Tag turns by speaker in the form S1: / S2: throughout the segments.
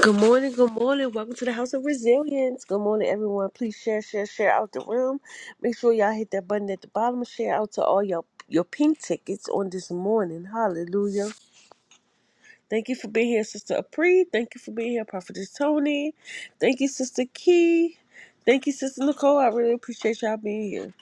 S1: Good morning, good morning. Welcome to the House of Resilience. Good morning, everyone. Please share, share, share out the room. Make sure y'all hit that button at the bottom and share out to all your your pink tickets on this morning. Hallelujah. Thank you for being here, Sister Apri. Thank you for being here, Prophetess Tony. Thank you, Sister Key. Thank you, Sister Nicole. I really appreciate y'all being here.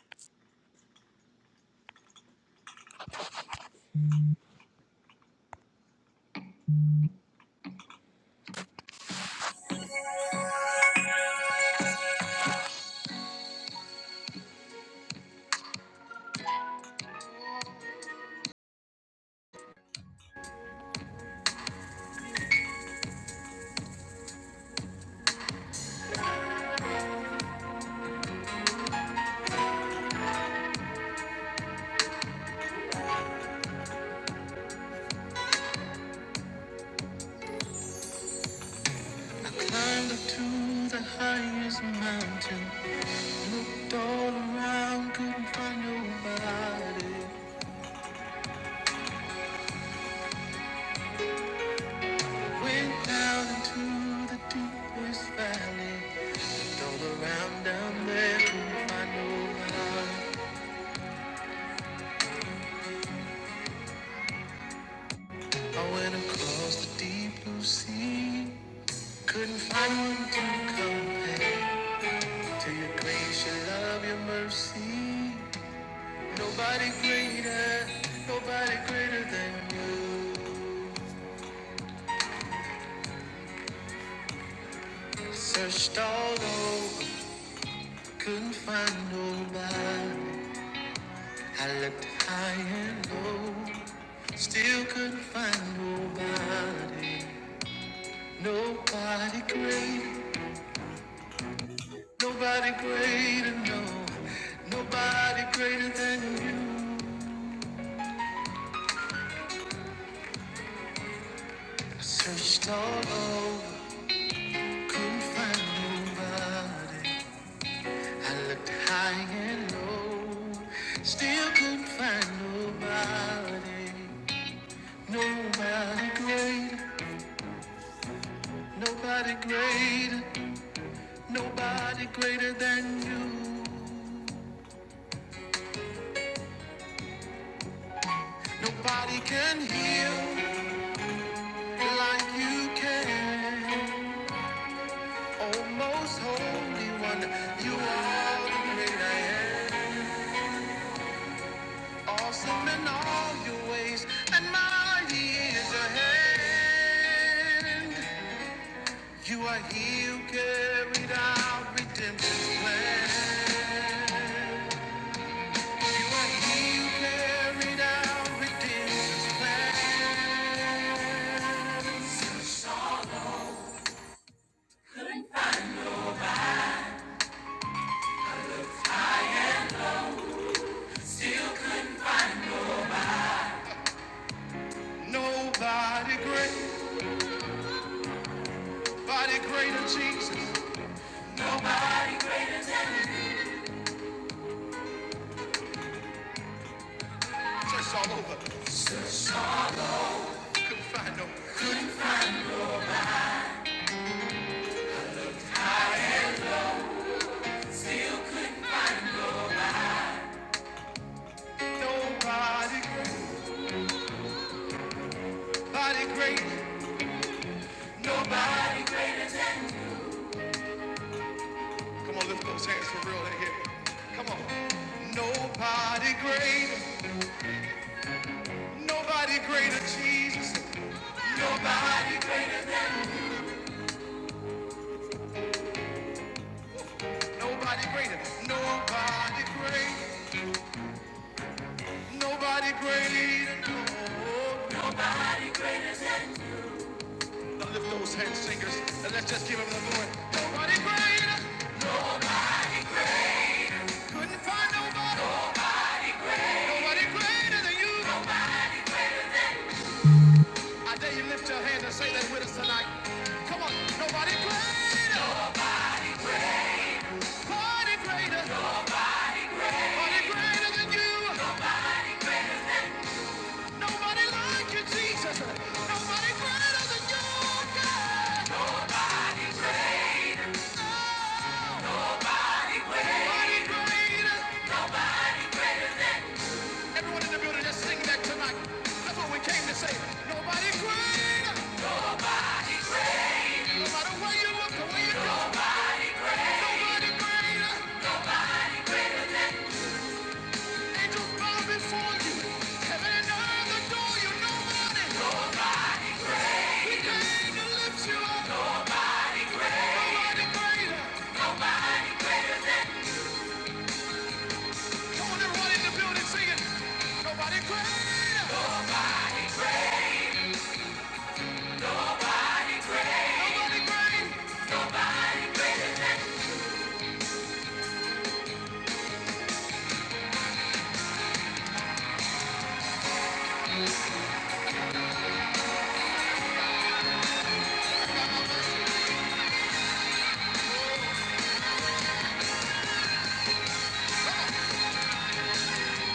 S1: Climbed up to the highest mountain. Looked all around, couldn't find nobody. Went down into the deepest valley. All around down there, couldn't find no I went across the deep blue sea. Couldn't find one to compare to your grace, your love, your mercy. Nobody greater, nobody greater than you. Searched all over, couldn't find nobody. I looked high and low, still couldn't find nobody. Nobody great, nobody greater, no, nobody greater than you. I searched all over, couldn't find nobody. I looked high and low, still couldn't find nobody. Nobody great, nobody greater. Nobody greater than you. Nobody can heal like you can. Oh, most holy one, you are the great I am. Awesome in all your ways, and mighty is your hand. You are he who carried out redemption's plan. You are he who carried out redemption's plan. Nobody greater. Body greater Jesus. No mattress all over. You Couldn't find no. Nobody great. Body great. Nobody great. Come on, lift those hands for real in here. Come on. Nobody great. Nobody greater Jesus. Nobody greater. Nobody greater. Nobody great. Nobody greater. No. Now lift those hands, singers, and let's just give him the glory. Nobody greater. Couldn't find nobody. Nobody greater than you. I dare you lift your hand and say that with us tonight. Come on, nobody greater, nobody greater, nobody greater than you. Nobody like you, Jesus. Nobody greater than you, God. Nobody greater. Everyone in the building, just sing that tonight. That's what we came to say. Nobody greater. No matter where you look or where you go, nobody greater. Angels bow before you. Heaven and earth adore you. Nobody. We came to lift you up. Nobody greater. Come on, everybody in the building singing. Nobody greater. Nobody greater.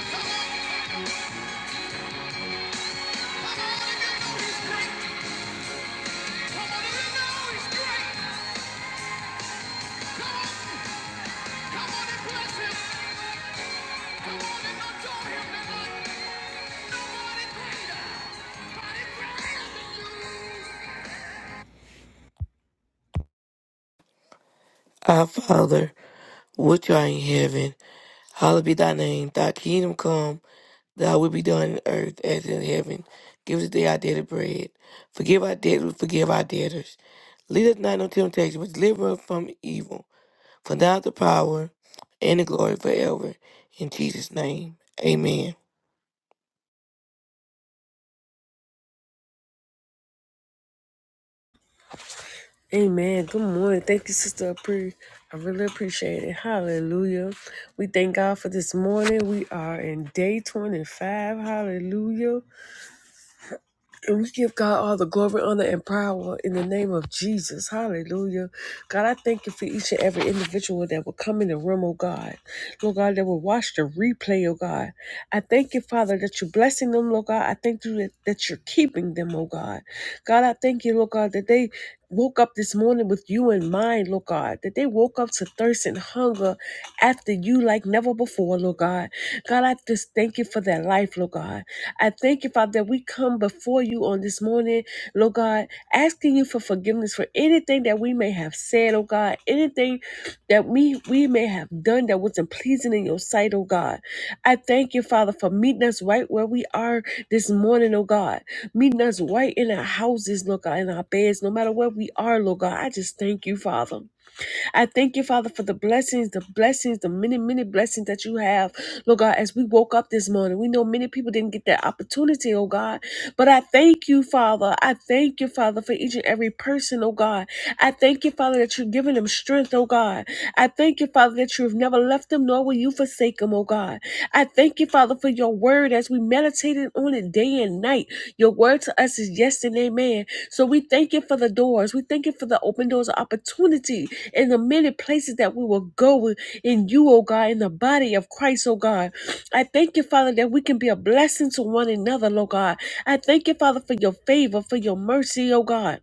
S1: Come on, come on, if you know he's great. Come on, if you know he's great. Come on, come on and bless him. Come on and adore him tonight. Nobody greater. Nobody greater than you.
S2: Our Father, which art in heaven, hallowed be thy name. Thy kingdom come, thy will be done in earth as in heaven. Give us today our daily bread. Forgive our debts, we forgive our debtors. Lead us not into temptation, but deliver us from evil. For thou is the power and the glory forever. In Jesus' name, amen.
S1: Amen. Good morning. Thank you, Sister Apri. I really appreciate it. Hallelujah. We thank God for this morning. We are in day 25. Hallelujah. And we give God all the glory, honor, and power in the name of Jesus. Hallelujah. God, I thank you for each and every individual that will come in the room, oh God. Lord God, that will watch the replay, oh God. I thank you, Father, that you're blessing them, Lord God. I thank you that, that you're keeping them, oh God. God, I thank you, Lord God, that they woke up this morning with you in mind, Lord God, that they woke up to thirst and hunger after you like never before, Lord God. God, I just thank you for their life, Lord God. I thank you, Father, that we come before you on this morning, Lord God, asking you for forgiveness for anything that we may have said, oh God, anything that we, we may have done that wasn't pleasing in your sight, oh God. I thank you, Father, for meeting us right where we are this morning, oh God. Meeting us right in our houses, Lord God, in our beds, no matter where we are, Lord God. I just thank you, Father. I thank you, Father, for the blessings, the blessings, the many, many blessings that you have. Lord God, as we woke up this morning, we know many people didn't get that opportunity, oh God. But I thank you, Father. I thank you, Father, for each and every person, oh God. I thank you, Father, that you're giving them strength, oh God. I thank you, Father, that you've never left them, nor will you forsake them, oh God. I thank you, Father, for your word as we meditated on it day and night. Your word to us is yes and amen. So we thank you for the doors. We thank you for the open doors of opportunity in the many places that we will go in you, oh God, in the body of Christ, oh God. I thank you, Father, that we can be a blessing to one another, oh God. I thank you, Father, for your favor, for your mercy, oh God.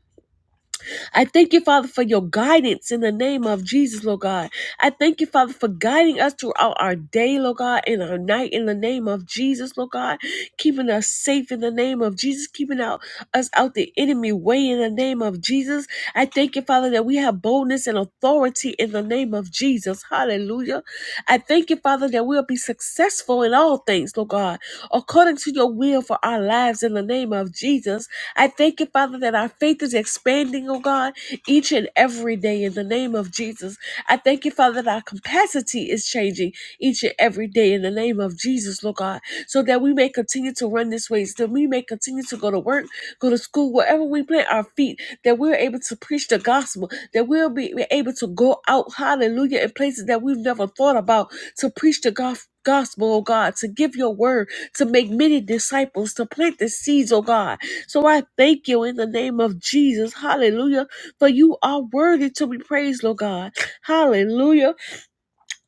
S1: I thank you, Father, for your guidance in the name of Jesus, Lord God. I thank you, Father, for guiding us throughout our day, Lord God, and our night in the name of Jesus, Lord God. Keeping us safe in the name of Jesus, keeping out us out the enemy way in the name of Jesus. I thank you, Father, that we have boldness and authority in the name of Jesus. Hallelujah. I thank you, Father, that we'll be successful in all things, Lord God, according to your will for our lives in the name of Jesus. I thank you, Father, that our faith is expanding, oh God, each and every day in the name of Jesus. I thank you, Father, that our capacity is changing each and every day in the name of Jesus, Lord God, so that we may continue to run this race, that we may continue to go to work, go to school, wherever we plant our feet, that we're able to preach the gospel, that we'll be able to go out, hallelujah, in places that we've never thought about to preach the gospel. Gospel, oh God, to give your word, to make many disciples, to plant the seeds, oh God. So I thank you in the name of Jesus. Hallelujah. For you are worthy to be praised, Lord God. Hallelujah.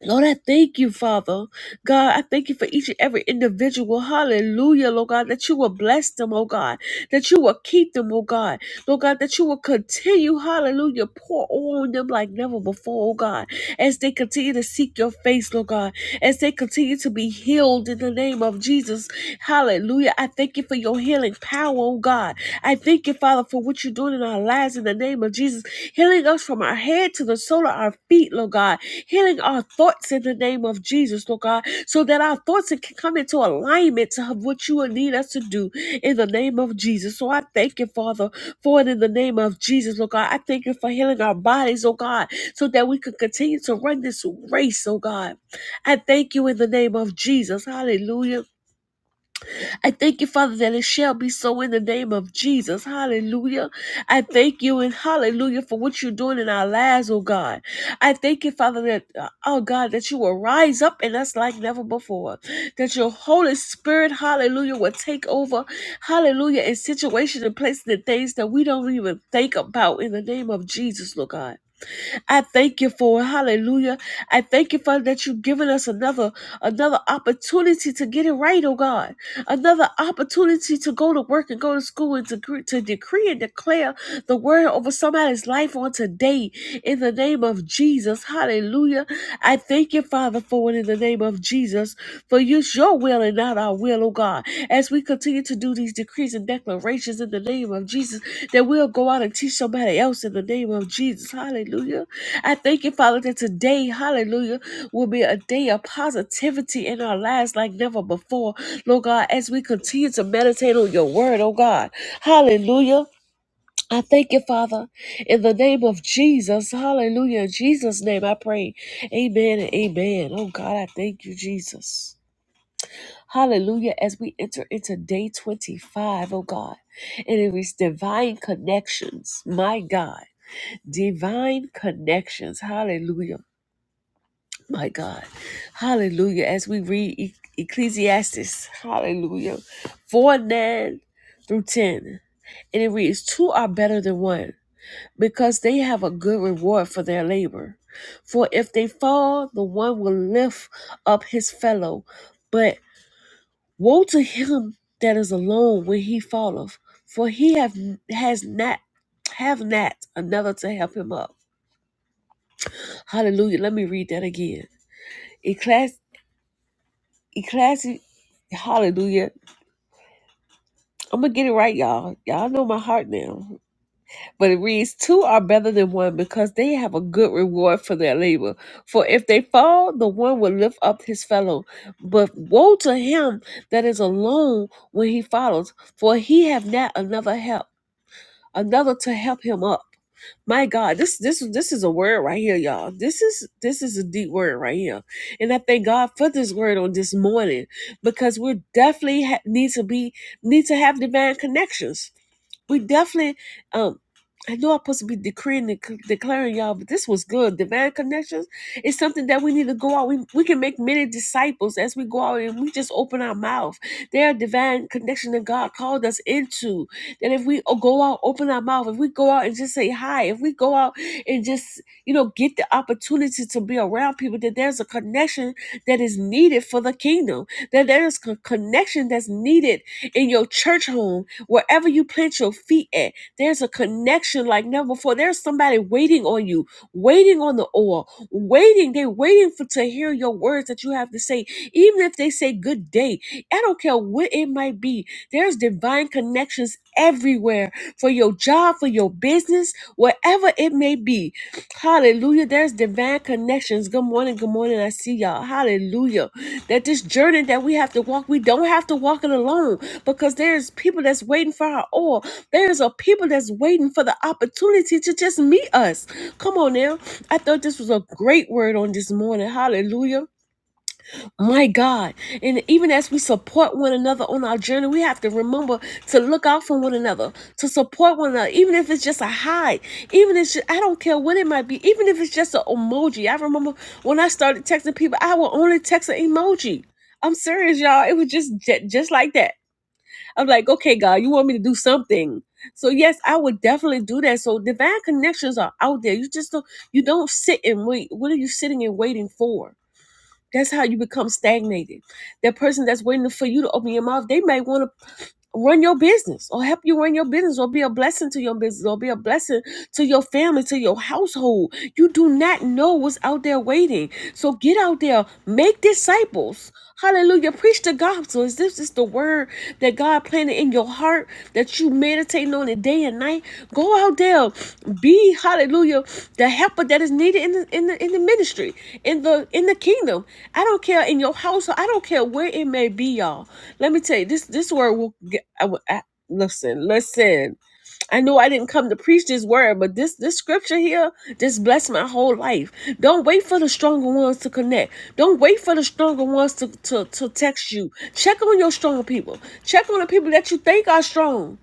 S1: Lord, I thank you, Father. God, I thank you for each and every individual. Hallelujah, Lord God, that you will bless them, oh God, that you will keep them, oh God, Lord God, that you will continue, hallelujah, pour on them like never before, oh God, as they continue to seek your face, Lord God, as they continue to be healed in the name of Jesus. Hallelujah. I thank you for your healing power, oh God. I thank you, Father, for what you're doing in our lives in the name of Jesus healing us from our head to the sole of our feet, Lord God, healing our thoughts in the name of Jesus, Lord God, so that our thoughts can come into alignment to what you would need us to do in the name of Jesus. So I thank you, Father, for it in the name of Jesus, Lord God. I thank you for healing our bodies, oh God, so that we can continue to run this race, oh God. I thank you in the name of Jesus. Hallelujah. I thank you, Father, that it shall be so in the name of Jesus. Hallelujah. I thank you and hallelujah for what you're doing in our lives, oh God. I thank you, Father, that, uh, oh God, that you will rise up in us like never before. That your Holy Spirit, hallelujah, will take over, hallelujah, in situations and places and things that we don't even think about in the name of Jesus, Lord God. I thank you for it. Hallelujah. I thank you, Father, that you've given us another another opportunity to get it right, oh God. Another opportunity to go to work and go to school and to, gre- to decree and declare the word over somebody's life on today in the name of Jesus. Hallelujah. I thank you, Father, for it in the name of Jesus. For you your will and not our will, oh God. As we continue to do these decrees and declarations in the name of Jesus, that we'll go out and teach somebody else in the name of Jesus. Hallelujah. I thank you, Father, that today, hallelujah, will be a day of positivity in our lives like never before. Lord God, as we continue to meditate on your word, oh God. Hallelujah. I thank you, Father, in the name of Jesus. Hallelujah. In Jesus' name I pray. Amen and amen. Oh God, I thank you, Jesus. Hallelujah. As we enter into day 25, O God, and it is divine connections, my God, divine connections. Hallelujah. My God. Hallelujah. As we read E- Ecclesiastes, hallelujah, 4 9 through 10. And it reads, Two are better than one, because they have a good reward for their labor. For if they fall, the one will lift up his fellow. but Woe to him that is alone when he falleth, for he have has not have not another to help him up. Hallelujah. Let me read that again. Ecclesi Ecclesi Hallelujah. I'm gonna get it right, y'all. Y'all know my heart now. But it reads, Two are better than one because they have a good reward for their labor. For if they fall, the one will lift up his fellow. But woe to him that is alone when he follows, for he have not another help. another to help him up. My God, this this this is a word right here, y'all. This is this is a deep word right here, and I thank God for this word on this morning because we definitely ha- need to be need to have divine connections we definitely um I know I'm supposed to be decreeing and c- declaring y'all, but this was good. Divine connections is something that we need to go out. We, we can make many disciples as we go out and we just open our mouth. There are divine connections that God called us into. That if we o- go out, open our mouth, if we go out and just say hi, if we go out and just, you know, get the opportunity to be around people, that there's a connection that is needed for the kingdom, that there's a connection that's needed in your church home Wherever you plant your feet at, there's a connection like never before. There's somebody waiting on you, waiting on the oil, waiting. They're waiting for to hear your words that you have to say. Even if they say good day, I don't care what it might be. There's divine connections everywhere for your job, for your business, wherever it may be. Hallelujah. There's divine connections. Good morning. Good morning. I see y'all. Hallelujah. That this journey that we have to walk, we don't have to walk it alone because there's people that's waiting for our oil. There's a people that's waiting for the opportunity to just meet us. Come on now. I thought this was a great word on this morning. Hallelujah. My God. And even as we support one another on our journey, we have to remember to look out for one another, to support one another, even if it's just a hi, even if it's ju- I don't care what it might be, even if it's just an emoji. I remember when I started texting people, I would only text an emoji. I'm serious, y'all. It was just ju- just like that I'm like, okay, God, you want me to do something. So yes, I would definitely do that. So divine connections are out there. You just don't you don't sit and wait. What are you sitting and waiting for? That's how you become stagnated. That person that's waiting for you to open your mouth, they may want to run your business or help you run your business or be a blessing to your business or be a blessing to your family, to your household. You do not know what's out there waiting. So get out there, make disciples Hallelujah. Preach the gospel. Is this is the word that God planted in your heart that you meditating on it day and night? Go out there. Be hallelujah. The helper that is needed in the in the in the ministry, in the in the kingdom. I don't care in your household. I don't care where it may be, y'all. Let me tell you, this this word will get I, I, listen, listen. I knew I didn't come to preach this word, but this this scripture here just blessed my whole life. Don't wait for the stronger ones to connect. Don't wait for the stronger ones to, to, to text you. Check on your stronger people. Check on the people that you think are strong.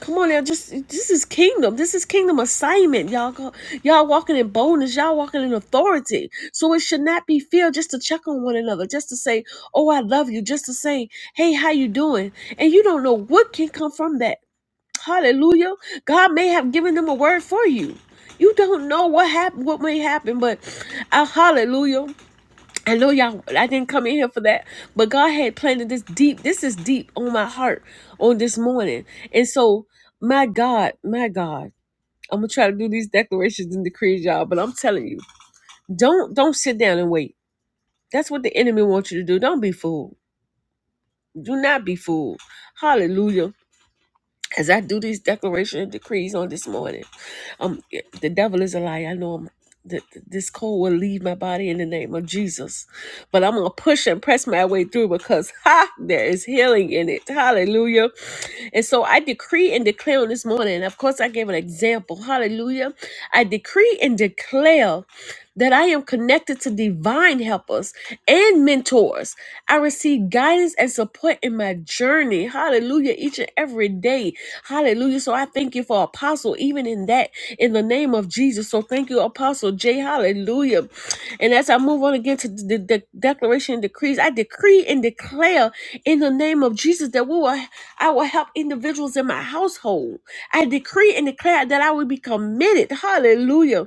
S1: Come on now, just this is kingdom. This is kingdom assignment. Y'all go, y'all walking in boldness, y'all walking in authority. So it should not be fear just to check on one another, just to say, Oh, I love you, just to say, Hey, how you doing? And you don't know what can come from that. Hallelujah. God may have given them a word for you. You don't know what happened, what may happen, but uh, hallelujah. I know y'all, I didn't come in here for that, but God had planted this deep, this is deep on my heart on this morning. And so, my God, my God, I'm gonna try to do these declarations and decrees, y'all, but I'm telling you, don't don't sit down and wait. That's what the enemy wants you to do. Don't be fooled. Do not be fooled. Hallelujah. as I do these declaration and decrees on this morning, um, yeah, the devil is a lie. I know I'm, th- th- this cold will leave my body in the name of Jesus, but I'm gonna push and press my way through because ha, there is healing in it. Hallelujah! And so I decree and declare on this morning. And of course, I gave an example. Hallelujah! I decree and declare that I am connected to divine helpers and mentors. I receive guidance and support in my journey. Hallelujah. Each and every day. Hallelujah. So I thank you for Apostle, even in that, in the name of Jesus. So thank you, Apostle J. Hallelujah. And as I move on again to the, the declaration and decrees, I decree and declare in the name of Jesus that we will I will help individuals in my household. I decree and declare that I will be committed. Hallelujah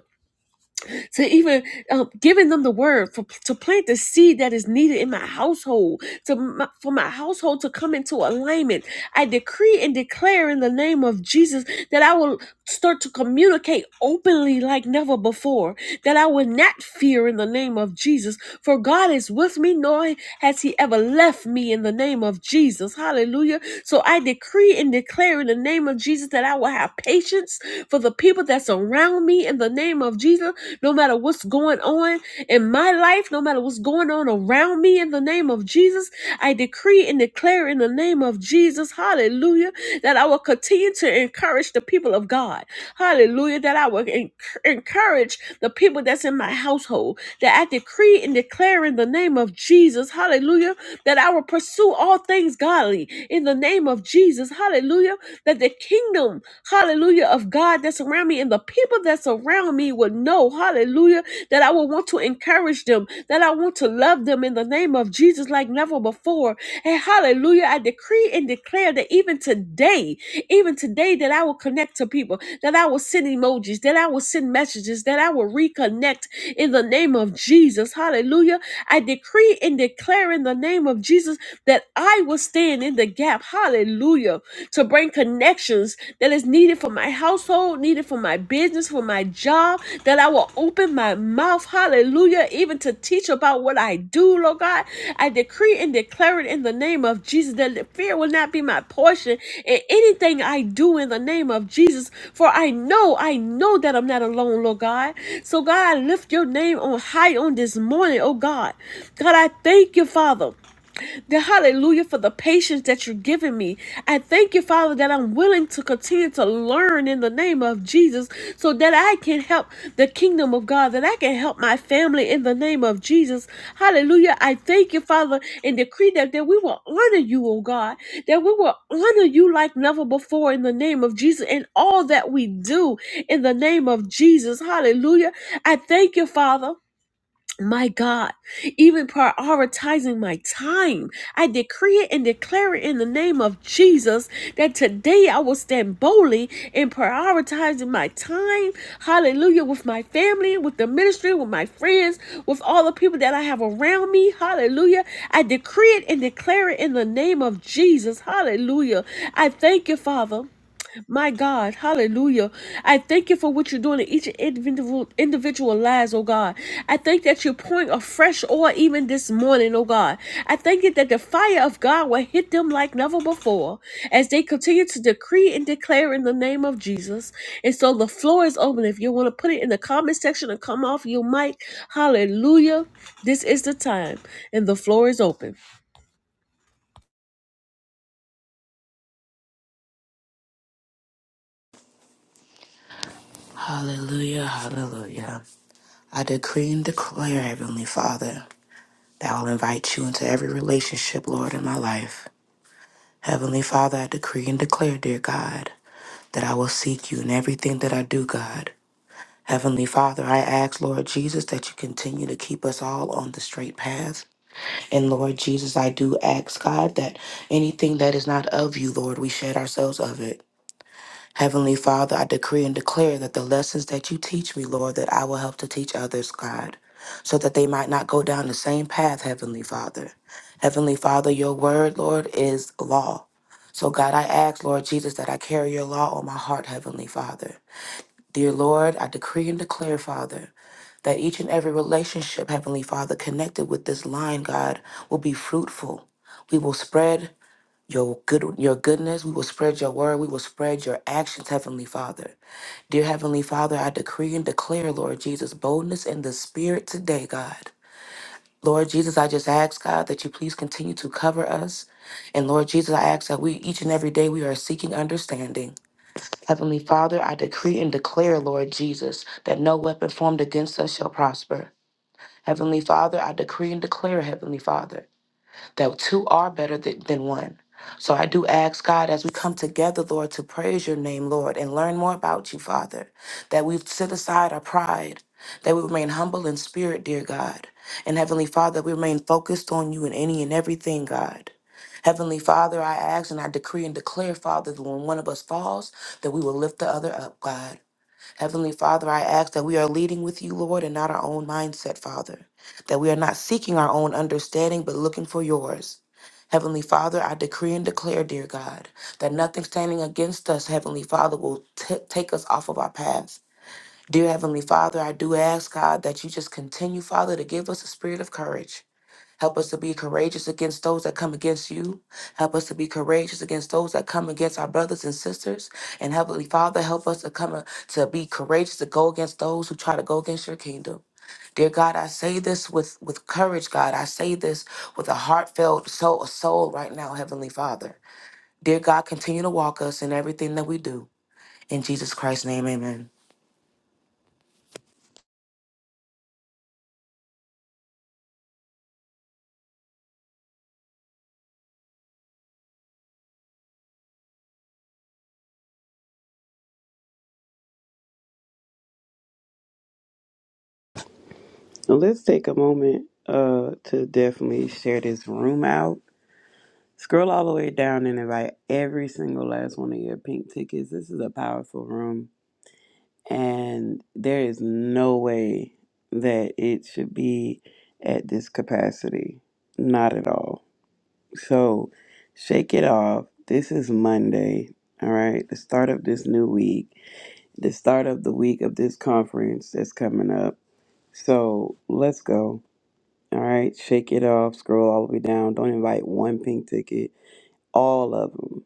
S1: to even uh, giving them the word for, to plant the seed that is needed in my household, to my, for my household to come into alignment. I decree and declare in the name of Jesus that I will start to communicate openly like never before that I would not fear in the name of Jesus. For God is with me, nor has He ever left me in the name of Jesus. Hallelujah. So I decree and declare in the name of Jesus that I will have patience for the people that surround me in the name of Jesus, no matter what's going on in my life, no matter what's going on around me in the name of Jesus. I decree and declare in the name of Jesus. Hallelujah hallelujah, that I will continue to encourage the people of God, hallelujah, that I will en- encourage the people that's in my household, that I decree and declare in the name of Jesus, hallelujah, that I will pursue all things godly in the name of Jesus, hallelujah, that the kingdom, hallelujah, of God that's around me and the people that's around me will know, hallelujah, that I will want to encourage them, that that I want to love them in the name of Jesus like never before. And hallelujah, I decree and declare that even today, even today, that I will connect to people, that I will send emojis, that I will send messages, that I will reconnect in the name of Jesus. Hallelujah. I decree and declare in the name of Jesus that I will stand in the gap. Hallelujah. To bring connections that is needed for my my household, need it for my business, for my job, that I will open my mouth, hallelujah, even to teach about what I do, Lord God. I decree and declare it in the name of Jesus that fear will not be my portion in anything I do in the name of Jesus, for I know, I know that I'm not alone, Lord God. So, God, I lift your name on high on this morning, oh God. God, I thank you, Father. The hallelujah for the patience that you're giving me. I thank you, Father, that I'm willing to continue to learn in the name of Jesus so that I can help the kingdom of God, that I can help my family in the name of Jesus. Hallelujah. I thank you, Father, and decree that, that we will honor you, oh God, that we will honor you like never before in the name of Jesus and all that we do in the name of Jesus. Hallelujah. I thank you, Father my God, even prioritizing my time, I decree it and declare it in the name of Jesus that today I will stand boldly in prioritizing my time, hallelujah, with my family, with the ministry, with my friends, with all the people that I have around me, hallelujah. I decree it and declare it in the name of Jesus, hallelujah. I thank you, Father. My God, hallelujah. I thank you for what you're doing in each individual individual lives, oh God. I thank that you're pouring a fresh oil even this morning, oh God. I thank you that the fire of God will hit them like never before as they continue to decree and declare in the name of Jesus. And so the floor is open. If you want to put it in the comment section and come off your mic, hallelujah. This is the time, and the floor is open.
S3: Hallelujah, hallelujah. I decree and declare, Heavenly Father, that I'll invite you into every relationship, Lord, in my life. Heavenly Father, I decree and declare, dear God, that I will seek you in everything that I do, God. Heavenly Father, I ask, Lord Jesus, that you continue to keep us all on the straight path. And Lord Jesus, I do ask, God, that anything that is not of you, Lord, we shed ourselves of it. Heavenly Father, I decree and declare that the lessons that you teach me, Lord, that I will help to teach others, God, so that they might not go down the same path, Heavenly Father. Heavenly Father, your word, Lord, is law. So, God, I ask, Lord Jesus, that I carry your law on my heart, Heavenly Father. Dear Lord, I decree and declare, Father, that each and every relationship, Heavenly Father, connected with this line, God, will be fruitful. We will spread your good your goodness. We will spread your word. We will spread your actions, Heavenly Father. Dear Heavenly Father, I decree and declare, Lord Jesus, boldness in the spirit today, God. Lord Jesus, I just ask, God, that you please continue to cover us. And Lord Jesus, I ask that we each and every day we are seeking understanding. Heavenly Father, I decree and declare, Lord Jesus, that no weapon formed against us shall prosper. Heavenly Father, I decree and declare, Heavenly Father that two are better than, than one. So I do ask God as we come together, Lord, to praise your name, Lord, and learn more about you, Father, that we set aside our pride, that we remain humble in spirit, dear God. And Heavenly Father, we remain focused on you in any and everything, God. Heavenly Father, I ask and I decree and declare, Father, that when one of us falls, that we will lift the other up, God. Heavenly Father, I ask that we are leading with you, Lord, and not our own mindset, Father. That we are not seeking our own understanding, but looking for yours. Heavenly Father, I decree and declare, dear God, that nothing standing against us, Heavenly Father, will t- take us off of our path. Dear Heavenly Father, I do ask, God, that you just continue, Father, to give us a spirit of courage. Help us to be courageous against those that come against you. Help us to be courageous against those that come against our brothers and sisters. And Heavenly Father, help us to come a- to be courageous to go against those who try to go against your kingdom. Dear God, I say this with, with courage, God. I say this with a heartfelt soul, soul right now, Heavenly Father. Dear God, continue to walk us in everything that we do. In Jesus Christ's name, amen.
S4: So let's take a moment uh, to definitely share this room out. Scroll all the way down and invite every single last one of your pink tickets. This is a powerful room, and there is no way that it should be at this capacity. Not at all. So shake it off. This is Monday. All right, the start of this new week, the start of the week of this conference that's coming up. So let's go. All right, shake it off, scroll all the way down. Don't invite one pink ticket, all of them.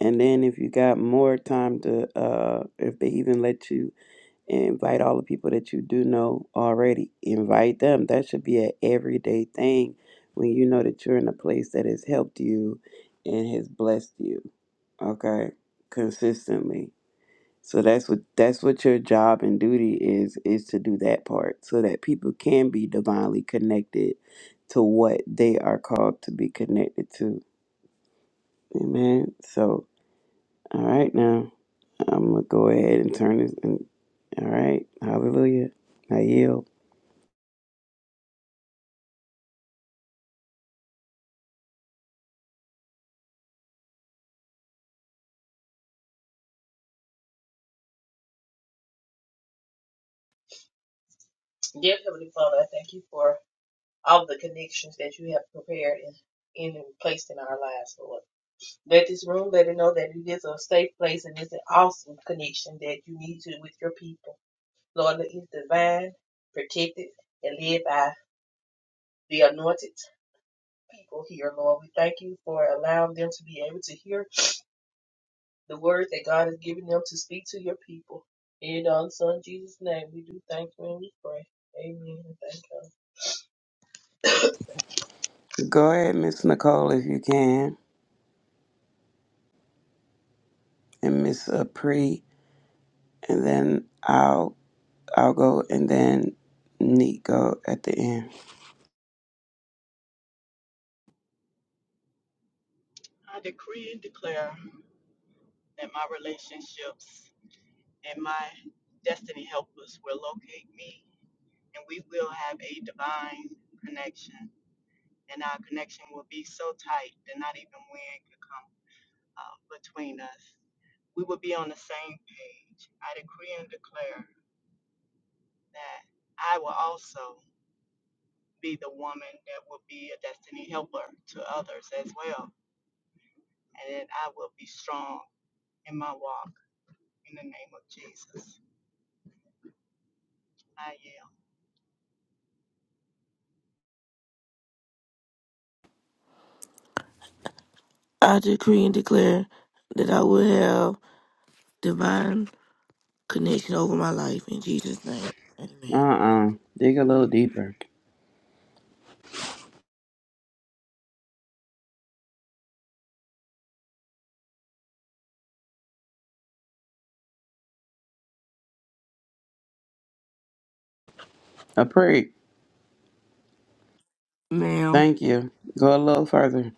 S4: And then if you got more time to, uh, if they even let you invite all the people that you do know already, invite them. That should be an everyday thing when you know that you're in a place that has helped you and has blessed you, okay, consistently. So that's what that's what your job and duty is is to do that part so that people can be divinely connected to what they are called to be connected to. Amen. So all right now I'm gonna go ahead and turn this and all right. Hallelujah. I yield. Go ahead, Miss Nicole if you can and Miss Apri and then I'll I'll go and then Neat go at the end.
S5: I decree and declare that my relationships and my destiny helpers will locate me, and we will have a divine connection. And our connection will be so tight that not even wind could come uh, between us. We will be on the same page. I decree and declare that I will also be the woman that will be a destiny helper to others as well, and that I will be strong in my walk in the name of Jesus. I am.
S2: I decree and declare that I will have divine connection over my life. In Jesus' name,
S4: Uh
S2: amen.
S4: uh Dig a little deeper. Apri.
S2: Ma'am,
S4: Thank you. Go a little further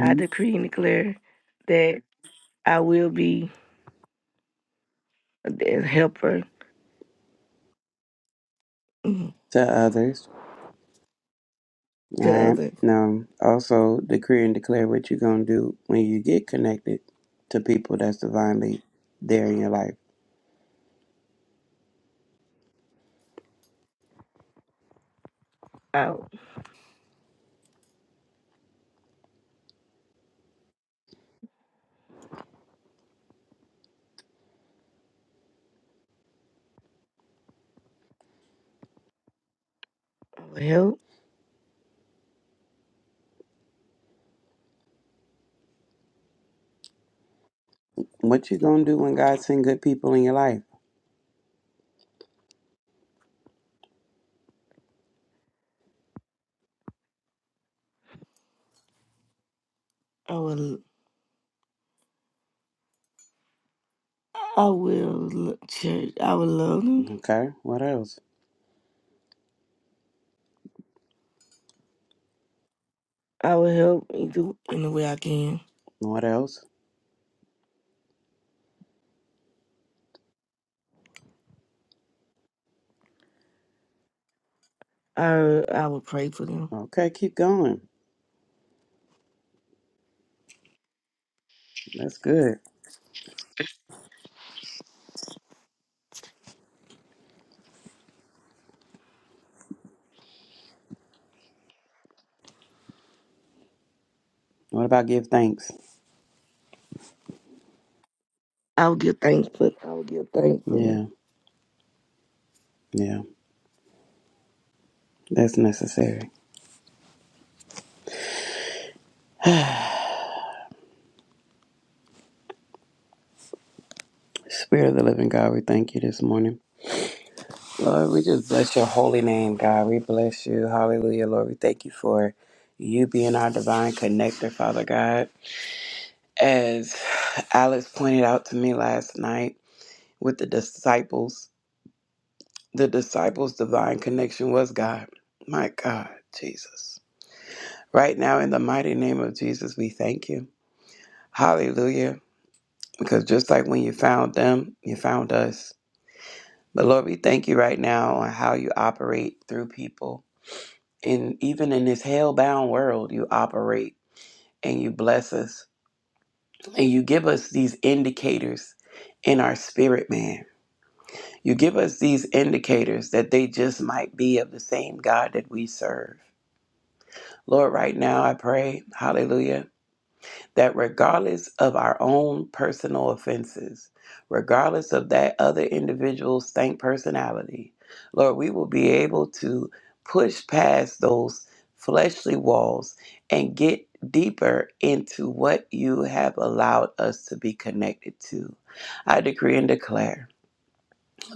S2: I decree and declare that. I will be a helper to
S4: to others. All right.
S2: others.
S4: Now, also decree and declare what you're going to do when you get connected to people that's divinely there in your life.
S2: I, will help.
S4: What you going to do when God send good people in your life?
S2: I will. I will lo- church. I will love them.
S4: Okay. What else?
S2: I will help in the, in the way I can.
S4: What else?
S2: I I will pray for them.
S4: Okay. Keep going. That's good. What about give thanks?
S2: I will give thanks for. I will give thanks for them.
S4: Yeah. Yeah. That's necessary. Spirit of the living God, we thank you this morning. Lord, we just bless your holy name, God. We bless you. Hallelujah, Lord. We thank you for you being our divine connector, Father God. As Alex pointed out to me last night with the disciples, the disciples' divine connection was God. My God, Jesus. Right now, in the mighty name of Jesus, we thank you. Hallelujah. Because just like when you found them, you found us. But Lord, we thank you right now on how you operate through people and even in this hell-bound world you operate and you bless us and you give us these indicators in our spirit man you give us these indicators that they just might be of the same god that we serve lord right now i pray hallelujah that regardless of our own personal offenses, regardless of that other individual's stank personality, Lord, we will be able to push past those fleshly walls and get deeper into what you have allowed us to be connected to. I decree and declare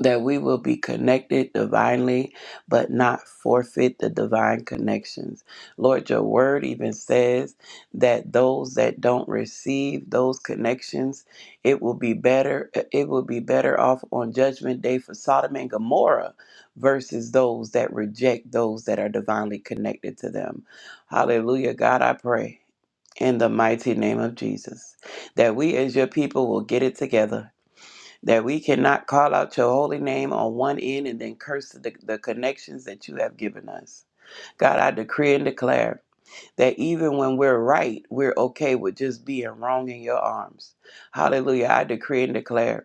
S4: that we will be connected divinely, but not forfeit the divine connections. Lord, your word even says that those that don't receive those connections, it will be better, it will be better off on judgment day for Sodom and Gomorrah versus those that reject those that are divinely connected to them. Hallelujah. God, I pray in the mighty name of Jesus that we as your people will get it together that we cannot call out your holy name on one end and then curse the, the connections that you have given us. God, I decree and declare that even when we're right, we're okay with just being wrong in your arms. Hallelujah. I decree and declare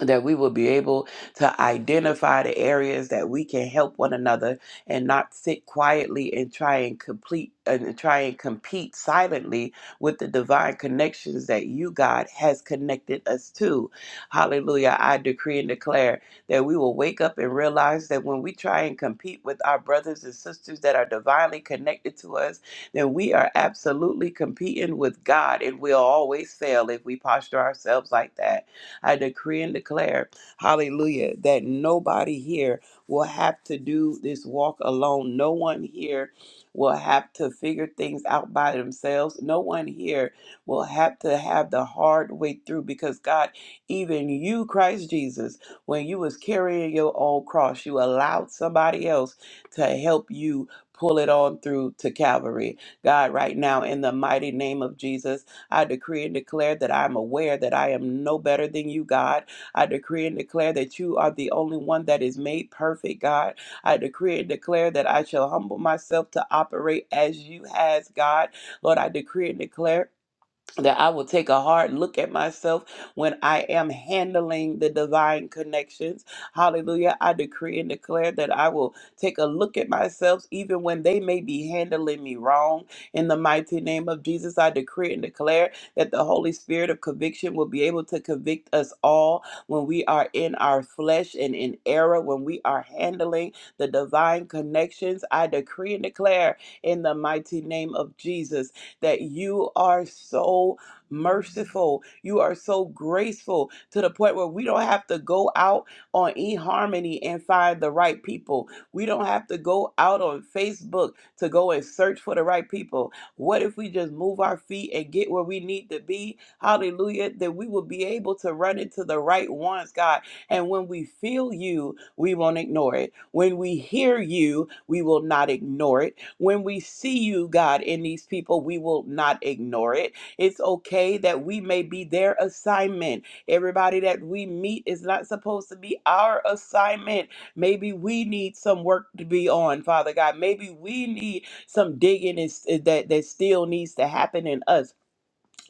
S4: that we will be able to identify the areas that we can help one another and not sit quietly and try and complete and try and compete silently with the divine connections that you God has connected us to. Hallelujah. I decree and declare that we will wake up and realize that when we try and compete with our brothers and sisters that are divinely connected to us, then we are absolutely competing with God and we'll always fail if we posture ourselves like that. I decree and declare, hallelujah, that nobody here will have to do this walk alone. No one here will have to figure things out by themselves. No one here will have to have the hard way through because God, even you, Christ Jesus, when you was carrying your own cross, you allowed somebody else to help you pull it on through to Calvary. God, right now, in the mighty name of Jesus, I decree and declare that I am aware that I am no better than you, God. I decree and declare that you are the only one that is made perfect, God. I decree and declare that I shall humble myself to operate as you has, God. Lord, I decree and declare that I will take a hard look at myself when I am handling the divine connections. Hallelujah. I decree and declare that I will take a look at myself even when they may be handling me wrong. In the mighty name of Jesus, I decree and declare that the Holy Spirit of conviction will be able to convict us all when we are in our flesh and in error, when we are handling the divine connections. I decree and declare in the mighty name of Jesus that you are so merciful. You are so graceful to the point where we don't have to go out on eHarmony and find the right people. We don't have to go out on Facebook to go and search for the right people. What if we just move our feet and get where we need to be? Hallelujah. That we will be able to run into the right ones, God. And when we feel you, we won't ignore it. When we hear you, we will not ignore it when we see you, God, in these people, we will not ignore it. It's okay that we may be their assignment. Everybody that we meet is not supposed to be our assignment. Maybe we need some work to be on, Father God. Maybe we need some digging is, that, that still needs to happen in us.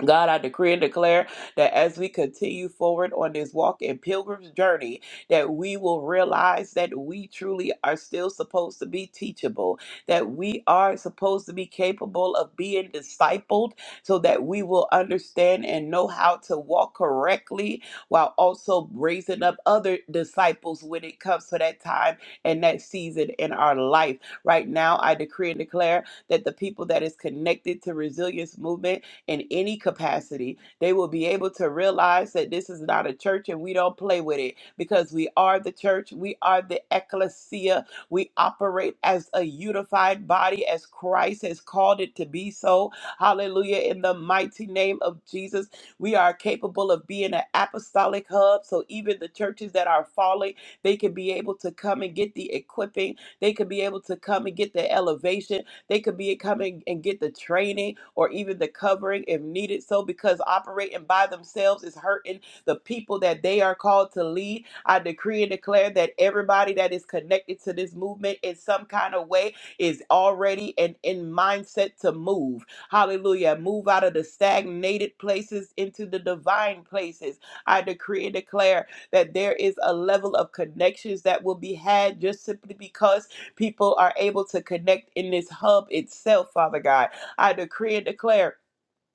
S4: God, I decree and declare that as we continue forward on this walk and pilgrim's journey, that we will realize that we truly are still supposed to be teachable, that we are supposed to be capable of being discipled so that we will understand and know how to walk correctly while also raising up other disciples when it comes to that time and that season in our life. Right now, I decree and declare that the people that is connected to resilience movement in any capacity. They will be able to realize that this is not a church and we don't play with it because we are the church, we are the ecclesia, we operate as a unified body as Christ has called it to be so. Hallelujah. In the mighty name of Jesus, we are capable of being an apostolic hub. So even the churches that are falling, they can be able to come and get the equipping, they can be able to come and get the elevation they could be coming and get the training or even the covering if needed so because operating by themselves is hurting the people that they are called to lead. I decree and declare that everybody that is connected to this movement in some kind of way is already and in mindset to move. Hallelujah. Move out of the stagnated places into the divine places. I decree and declare that there is a level of connections that will be had just simply because People are able to connect in this hub itself, Father God. I decree and declare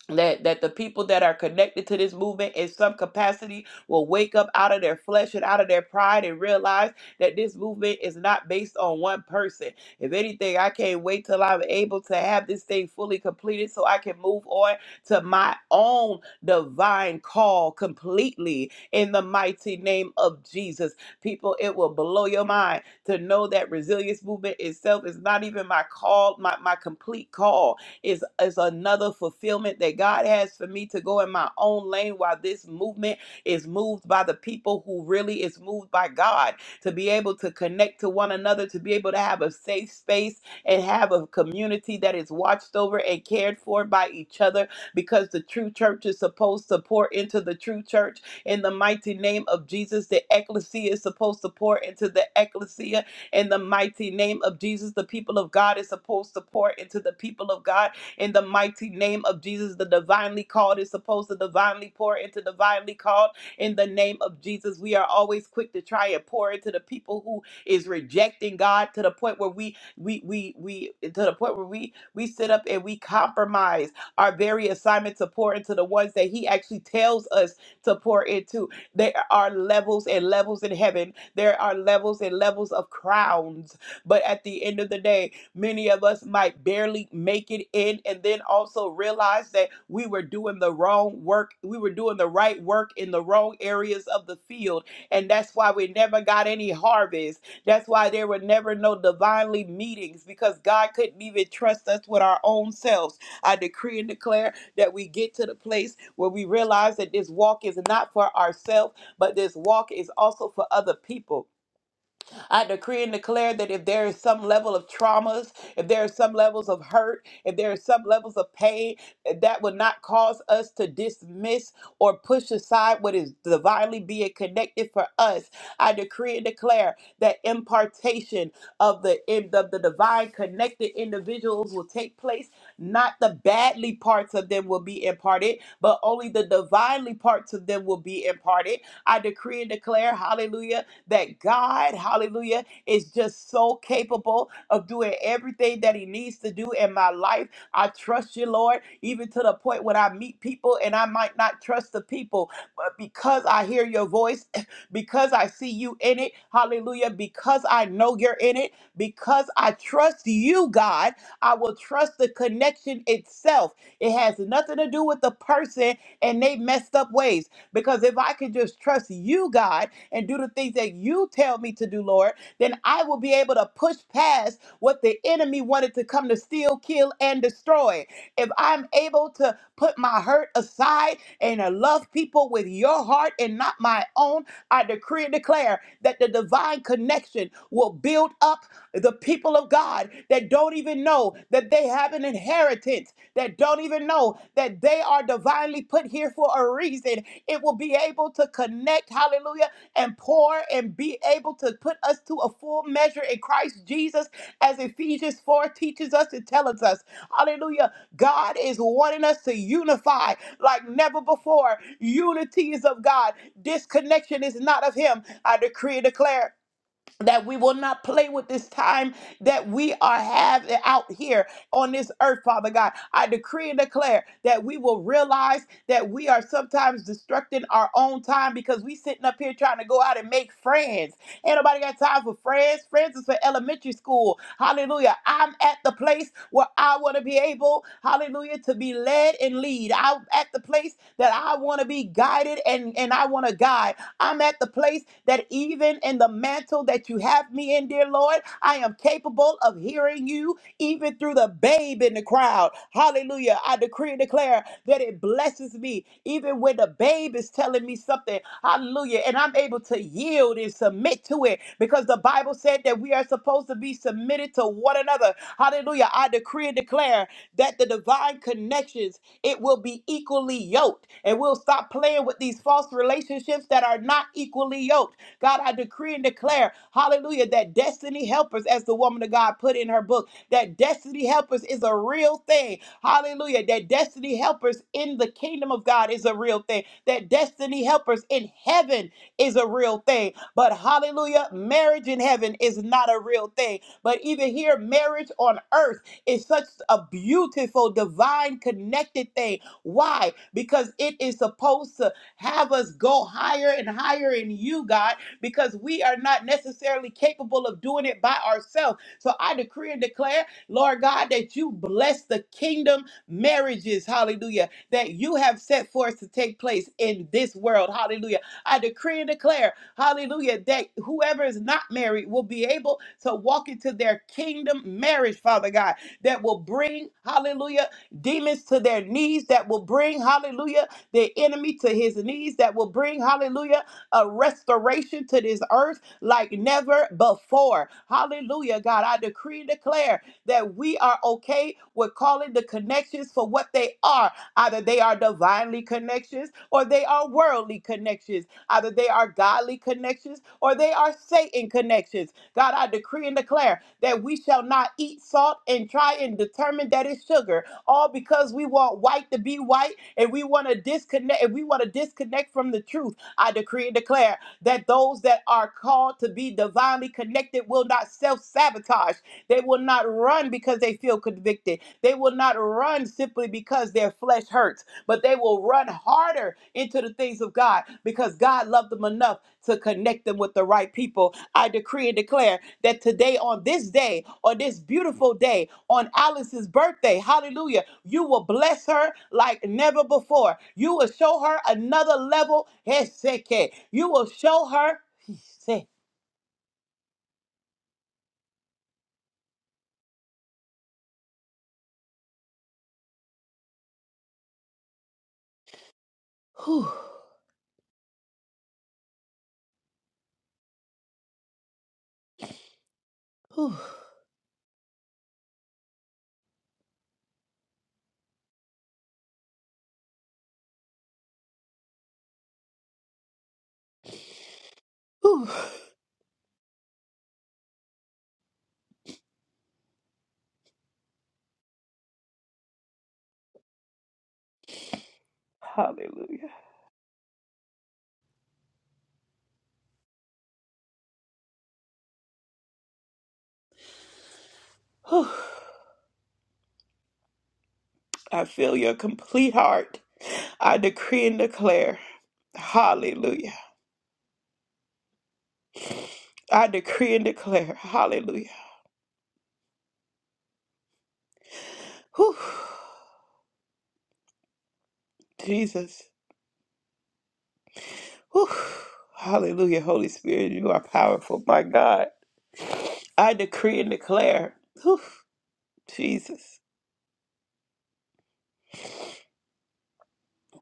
S4: that that the people that are connected to this movement in some capacity will wake up out of their flesh and out of their pride and realize that this movement is not based on one person if anything i can't wait till i'm able to have this thing fully completed so i can move on to my own divine call completely in the mighty name of jesus people it will blow your mind to know that resilience movement itself is not even my call my, my complete call is is another fulfillment that God has for me to go in my own lane while this movement is moved by the people who really is moved by God to be able to connect to one another to be able to have a safe space and have a community that is watched over and cared for by each other because the true church is supposed to pour into the true church in the mighty name of Jesus the ecclesia is supposed to pour into the ecclesia in the mighty name of Jesus. The people of God is supposed to pour into the people of God in the mighty name of Jesus. The divinely called is supposed to divinely pour into divinely called in the name of Jesus. We are always quick to try and pour into the people who is rejecting God to the point where we we we we to the point where we we sit up and we compromise our very assignment to pour into the ones that He actually tells us to pour into. There are levels and levels in heaven. There are levels and levels of crowns. But at the end of the day, Many of us might barely make it in and then also realize that we were doing the wrong work. We were doing the right work in the wrong areas of the field. And that's why we never got any harvest. That's why there were never no divinely meetings because God couldn't even trust us with our own selves. I decree and declare that we get to the place where we realize that this walk is not for ourselves, but this walk is also for other people. I decree and declare that if there is some level of traumas, if there are some levels of hurt, if there are some levels of pain, eh, that would not cause us to dismiss or push aside what is divinely being connected for us. I decree and declare that impartation of the in- of the divine connected individuals will take place. Not the badly parts of them will be imparted, but only the divinely parts of them will be imparted. I decree and declare, hallelujah that God, hallelujah, is just so capable of doing everything that He needs to do in my life. I trust you, Lord, even to the point when I meet people and I might not trust the people, but because I hear your voice, because I see you in it, hallelujah, because I know you're in it, because I trust you, God, I will trust the connection itself. It has nothing to do with the person and they messed up ways. Because if I can just trust you, God, and do the things that you tell me to do, Lord, then I will be able to push past what the enemy wanted to come to steal, kill, and destroy. If I'm able to put my hurt aside and uh, love people with your heart and not my own, I decree and declare that the divine connection will build up the people of God that don't even know that they have an inheritance, that don't even know that they are divinely put here for a reason it will be able to connect, hallelujah, and pour and be able to put us to a full measure in Christ Jesus, as Ephesians 4 teaches us and tells us. Hallelujah. God is wanting us to unify like never before. Unity is of God, disconnection is not of Him. I decree and declare that we will not play with this time that we are have out here on this earth, Father God. I decree and declare that we will realize that we are sometimes destructing our own time because we sitting up here trying to go out and make friends. Ain't nobody got time for friends. Friends is for elementary school. Hallelujah. I'm at the place where I want to be able, hallelujah, to be led and lead. I'm at the place that I want to be guided and, and I want to guide. I'm at the place that even in the mantle that you have me in, dear Lord, I am capable of hearing you even through the babe in the crowd. Hallelujah. I decree and declare that it blesses me even when the babe is telling me something. Hallelujah. And I'm able to yield and submit to it because the Bible said that we are supposed to be submitted to one another. Hallelujah. I decree and declare that the divine connections it will be equally yoked. And we'll stop playing with these false relationships that are not equally yoked. God, I decree and declare, hallelujah, that destiny helpers, as the woman of God put in her book, that destiny helpers is a real thing. Hallelujah. That destiny helpers in the kingdom of God is a real thing. That destiny helpers in heaven is a real thing. But hallelujah, marriage in heaven is not a real thing. But even here, marriage on earth is such a beautiful, divine, connected thing. Why? Because it is supposed to have us go higher and higher in you, God, because we are not necessarily capable of doing it by ourselves. So I decree and declare, Lord God, that you bless the kingdom marriages, hallelujah, that you have set forth to take place in this world, hallelujah. I decree and declare, hallelujah, that whoever is not married will be able to walk into their kingdom marriage, Father God that will bring, hallelujah, demons to their knees, that will bring, hallelujah, the enemy to his knees, that will bring, hallelujah, a restoration to this earth like never before. Hallelujah, God. I decree and declare that we are okay with calling the connections for what they are. Either they are divinely connections or they are worldly connections. Either they are godly connections or they are Satan connections. God, I decree and declare that we shall not eat salt and try and determine that it's sugar, all because we want white to be white and we want to disconnect and we want to disconnect from the truth. I decree and declare that those that are called to be divinely connected will not self-sabotage. They will not run because they feel convicted. They will not run simply because their flesh hurts but they will run harder into the things of God because God loved them enough to connect them with the right people. I decree and declare that today, on this day, on this beautiful day, on Alice's birthday, hallelujah, you will bless her like never before. You will show her another level. Heseke. You will show her. He said, whew, whew, whew. Hallelujah. Whew. I feel your complete heart. I decree and declare. Hallelujah. I decree and declare. Hallelujah. Whew. Jesus. Whew. Hallelujah. Holy Spirit, you are powerful. My God. I decree and declare. Whew. Jesus.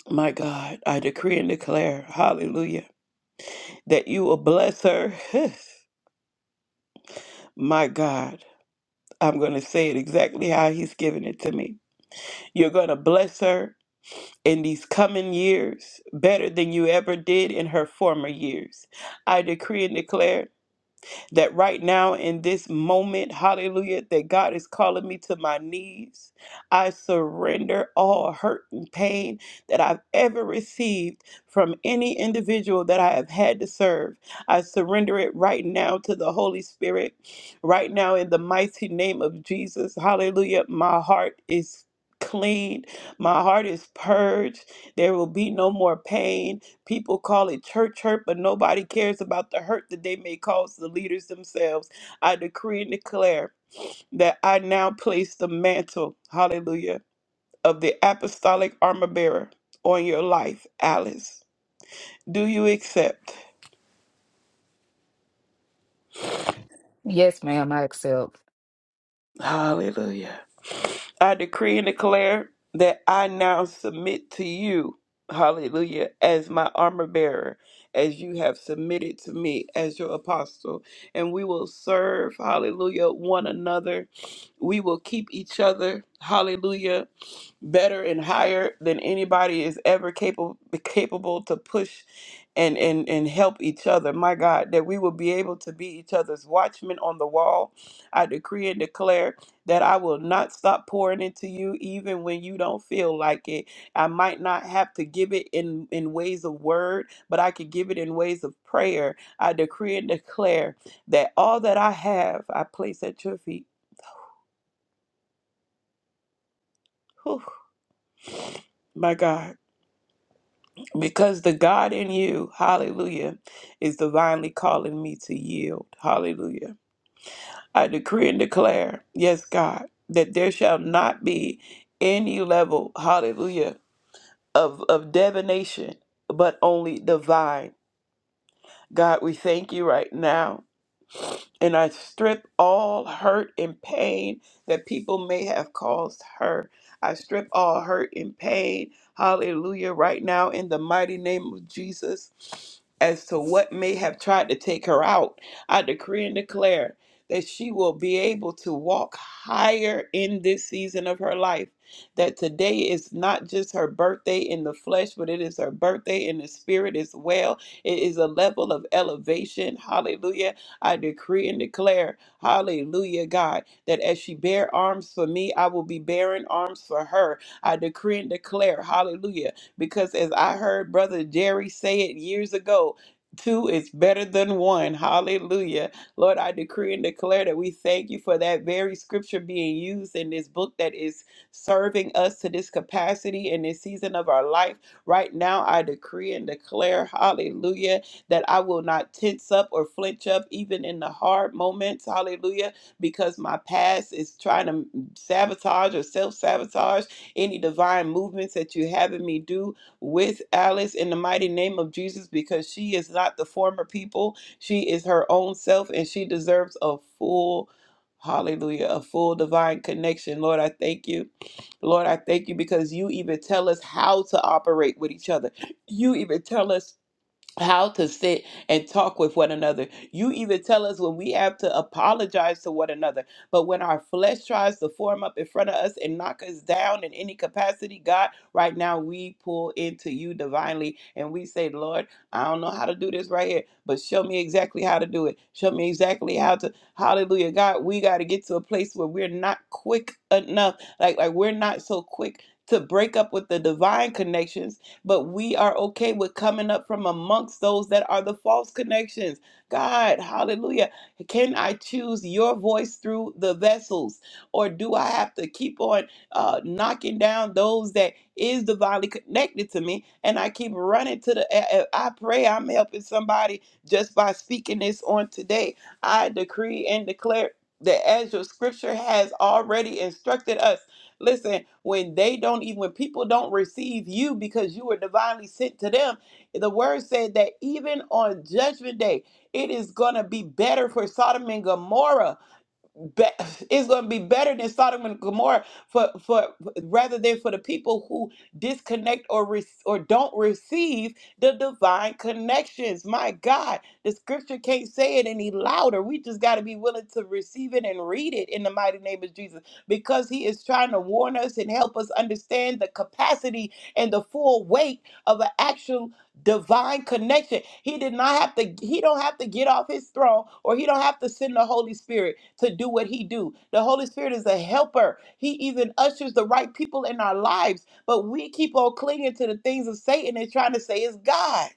S4: My God. I decree and declare. Hallelujah. That you will bless her. My God. I'm going to say it exactly how he's given it to me. You're going to bless her in these coming years better than you ever did in her former years. I decree and declare that right now in this moment, hallelujah, that God is calling me to my knees. I surrender all hurt and pain that I've ever received from any individual that I have had to serve. I surrender it right now to the Holy Spirit. Right now, in the mighty name of Jesus, hallelujah, my heart is clean. My heart is purged. There will be no more pain. People call it church hurt, but nobody cares about the hurt that they may cause the leaders themselves. I decree and declare that I now place the mantle, hallelujah, of the apostolic armor bearer on your life, Alice. Do you accept?
S6: Yes, ma'am, I accept.
S4: Hallelujah. I decree and declare that I now submit to you, hallelujah, as my armor bearer, as you have submitted to me as your apostle. And we will serve, hallelujah, one another. We will keep each other, hallelujah, better and higher than anybody is ever capable capable to push and, and and help each other my god that we will be able to be each other's watchmen on the wall i decree and declare that I will not stop pouring into you even when you don't feel like it. I might not have to give it in in ways of word, but I could give it in ways of prayer. I decree and declare that all that I have, I place at your feet. Whew, my God, because the God in you, hallelujah, is divinely calling me to yield. Hallelujah. I decree and declare, yes, God, that there shall not be any level, hallelujah, of, of divination, but only divine. God, we thank you right now and I strip all hurt and pain that people may have caused her. I strip all hurt and pain, hallelujah, right now in the mighty name of Jesus, as to what may have tried to take her out. I decree and declare that she will be able to walk higher in this season of her life. That today is not just her birthday in the flesh, but it is her birthday in the spirit as well. It is a level of elevation, hallelujah I decree and declare, hallelujah, God, that as she bear arms for me, I will be bearing arms for her. I decree and declare, hallelujah, because as I heard Brother Jerry say it years ago, Two is better than one. Hallelujah. Lord, I decree and declare that we thank you for that very scripture being used in this book that is serving us to this capacity in this season of our life. Right now, I decree and declare, hallelujah, that I will not tense up or flinch up even in the hard moments. Hallelujah. Because my past is trying to sabotage or self sabotage any divine movements that you having me do with Alice in the mighty name of Jesus because she is not the former people. She is her own self and she deserves a full hallelujah, a full divine connection. Lord, I thank you. Lord, I thank you because you even tell us how to operate with each other. You even tell us how to sit and talk with one another. You even tell us when we have to apologize to one another. But when our flesh tries to form up in front of us and knock us down in any capacity, God, right now we pull into you divinely and we say, Lord, I don't know how to do this right here, but show me exactly how to do it. Show me exactly how to hallelujah. God, we gotta get to a place where we're not quick enough. Like like we're not so quick to break up with the divine connections but we are okay with coming up from amongst those that are the false connections. God, hallelujah. Can I choose your voice through the vessels? Or do I have to keep on uh, knocking down those that is divinely connected to me? And I keep running to the, I I- I pray I'm helping somebody just by speaking this on today. I decree and declare that as your scripture has already instructed us. Listen, when they don't even when people don't receive you because you were divinely sent to them, the word said that even on judgment day, it is gonna be better for Sodom and Gomorrah be- it's going to be better than Sodom and Gomorrah for, for rather than for the people who disconnect or re- or don't receive the divine connections. My God, the scripture can't say it any louder. We just got to be willing to receive it and read it in the mighty name of Jesus because he is trying to warn us and help us understand the capacity and the full weight of an actual divine connection. He did not have to he don't have to get off his throne or he don't have to send the Holy Spirit to do what he do. The Holy Spirit is a helper. He even ushers the right people in our lives, but we keep on clinging to the things of Satan and trying to say it's God.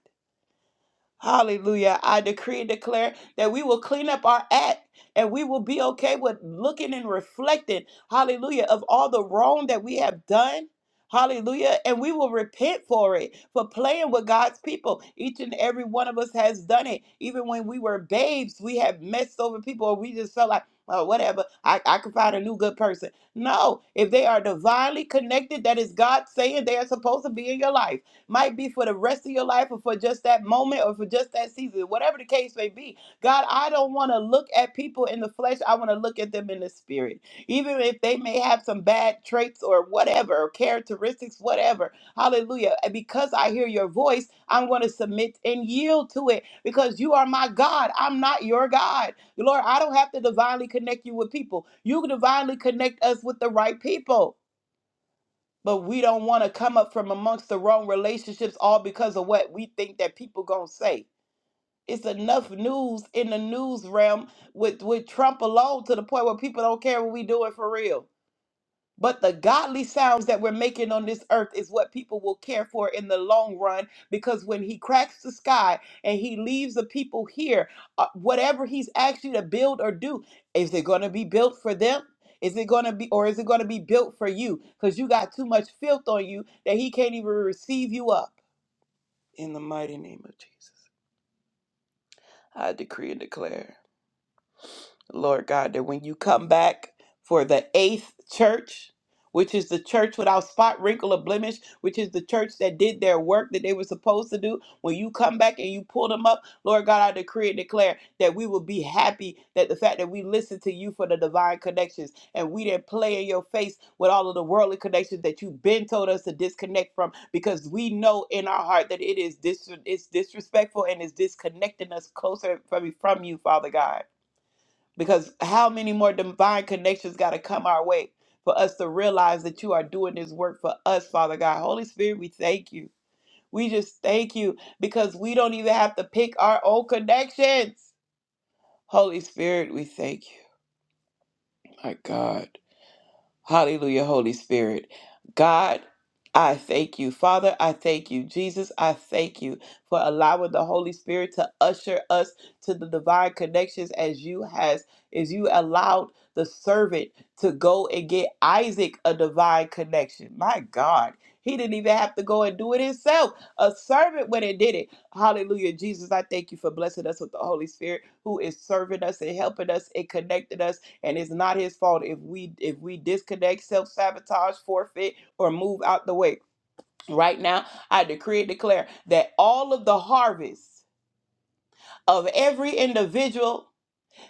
S4: Hallelujah. I decree and declare that we will clean up our act and we will be okay with looking and reflecting, hallelujah, of all the wrong that we have done. Hallelujah. And we will repent for it, for playing with God's people. Each and every one of us has done it. Even when we were babes, we have messed over people or we just felt like, oh, whatever, I, I can find a new good person. No, if they are divinely connected, that is God saying they are supposed to be in your life might be for the rest of your life or for just that moment or for just that season, whatever the case may be. God, I don't want to look at people in the flesh. I want to look at them in the spirit. Even if they may have some bad traits or whatever, or characteristics, whatever. Hallelujah. And because I hear your voice, I'm going to submit and yield to it because you are my God. I'm not your God. Lord, I don't have to divinely connect you with people. You divinely connect us with the right people but we don't want to come up from amongst the wrong relationships all because of what we think that people gonna say it's enough news in the news realm with with trump alone to the point where people don't care what we doing for real but the godly sounds that we're making on this earth is what people will care for in the long run because when he cracks the sky and he leaves the people here, uh, whatever he's asked you to build or do, is it going to be built for them? Is it going to be, or is it going to be built for you? Because you got too much filth on you that he can't even receive you up. In the mighty name of Jesus, I decree and declare. Lord God, that when you come back for the eighth church, which is the church without spot, wrinkle, or blemish, which is the church that did their work that they were supposed to do, when you come back and you pull them up, Lord God, I decree and declare that we will be happy that the fact that we listened to you for the divine connections and we didn't play in your face with all of the worldly connections that you've been told us to disconnect from because we know in our heart that it is dis- it's disrespectful and is disconnecting us closer from, from you, Father God. Because how many more divine connections got to come our way for us to realize that you are doing this work for us, Father God? Holy Spirit, we thank you. We just thank you because we don't even have to pick our own connections. Holy Spirit, we thank you. My God. Hallelujah, Holy Spirit. God, I thank you. Father, I thank you. Jesus, I thank you for allowing the Holy Spirit to usher us to the divine connections as you has as you allowed the servant to go and get Isaac a divine connection. My God. He didn't even have to go and do it himself. A servant went and did it. Hallelujah. Jesus, I thank you for blessing us with the Holy Spirit who is serving us and helping us and connecting us and it's not his fault if we if we disconnect self-sabotage forfeit or move out the way right now i decree and declare that all of the harvest of every individual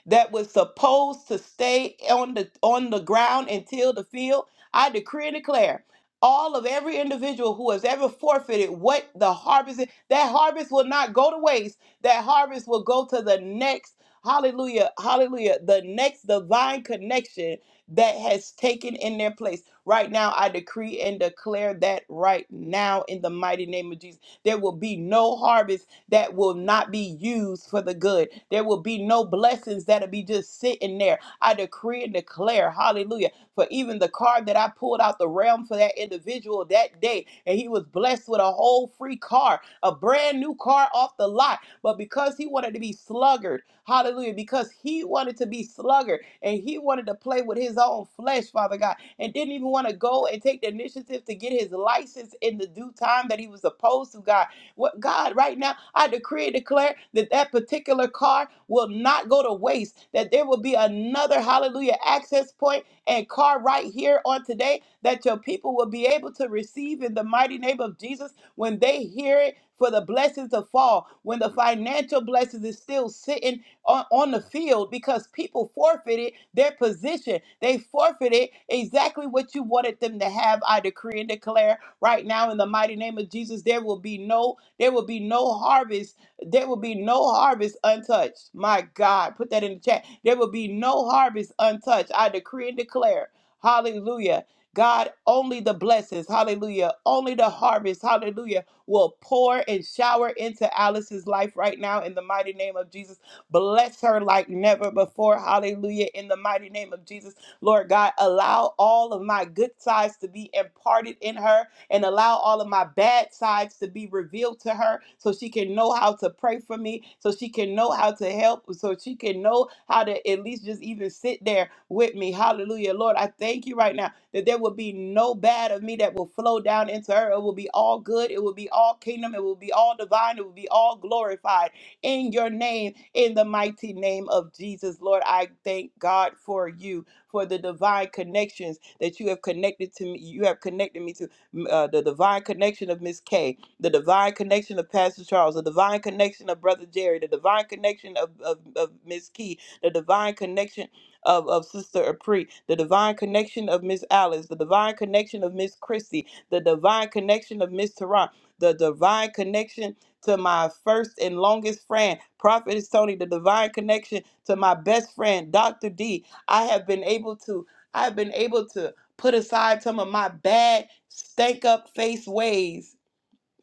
S4: that was supposed to stay on the on the ground and till the field. I decree and declare all of every individual who has ever forfeited what the harvest is, that harvest will not go to waste. That harvest will go to the next, hallelujah, hallelujah, the next divine connection that has taken in their place. Right now, I decree and declare that right now in the mighty name of Jesus. There will be no harvest that will not be used for the good. There will be no blessings that'll be just sitting there. I decree and declare, hallelujah, for even the card that I pulled out the realm for that individual that day, and he was blessed with a whole free car, a brand new car off the lot. But because he wanted to be sluggard, hallelujah, because he wanted to be sluggard and he wanted to play with his own flesh, Father God, and didn't even want to go and take the initiative to get his license in the due time that he was supposed to, God. What God, right now, I decree and declare that that particular car will not go to waste, that there will be another hallelujah access point and car right here on today that your people will be able to receive in the mighty name of Jesus when they hear it for the blessings to fall, when the financial blessings is still sitting on, on the field because people forfeited their position. They forfeited exactly what you wanted them to have. I decree and declare right now in the mighty name of Jesus, there will be no there will be no harvest. There will be no harvest untouched. My God, put that in the chat. There will be no harvest untouched. I decree and declare. Hallelujah. God, only the blessings, hallelujah, only the harvest, hallelujah, will pour and shower into Alice's life right now in the mighty name of Jesus. Bless her like never before, hallelujah, in the mighty name of Jesus. Lord God, allow all of my good sides to be imparted in her and allow all of my bad sides to be revealed to her so she can know how to pray for me, so she can know how to help, so she can know how to at least just even sit there with me. Hallelujah. Lord, I thank you right now that there will be no bad of me that will flow down into her. It will be all good. It will be all kingdom. It will be all divine. It will be all glorified in your name, in the mighty name of Jesus. Lord, I thank God for you, for the divine connections that you have connected to me. You have connected me to uh, the divine connection of Miss K, the divine connection of Pastor Charles, the divine connection of Brother Jerry, the divine connection of, of, of Miss Key, the divine connection of, of Sister Apri, the divine connection of Miss Alice, the divine connection of Miss Christie, the divine connection of Miss Tara, the divine connection to my first and longest friend, Prophetess Tony, the divine connection to my best friend, Dr. D. I have been able to, I've been able to put aside some of my bad, stank up face ways.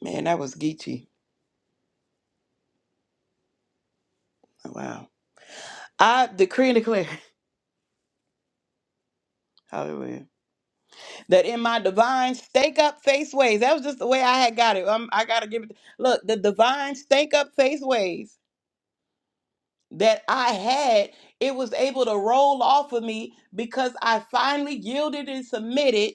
S4: Man, that was Geechee. Oh, Wow. I decree and declare, hallelujah, that in my divine stank up face ways, that was just the way I had got it. Um, I got to give it. Look, the divine stank up face ways that I had, it was able to roll off of me because I finally yielded and submitted.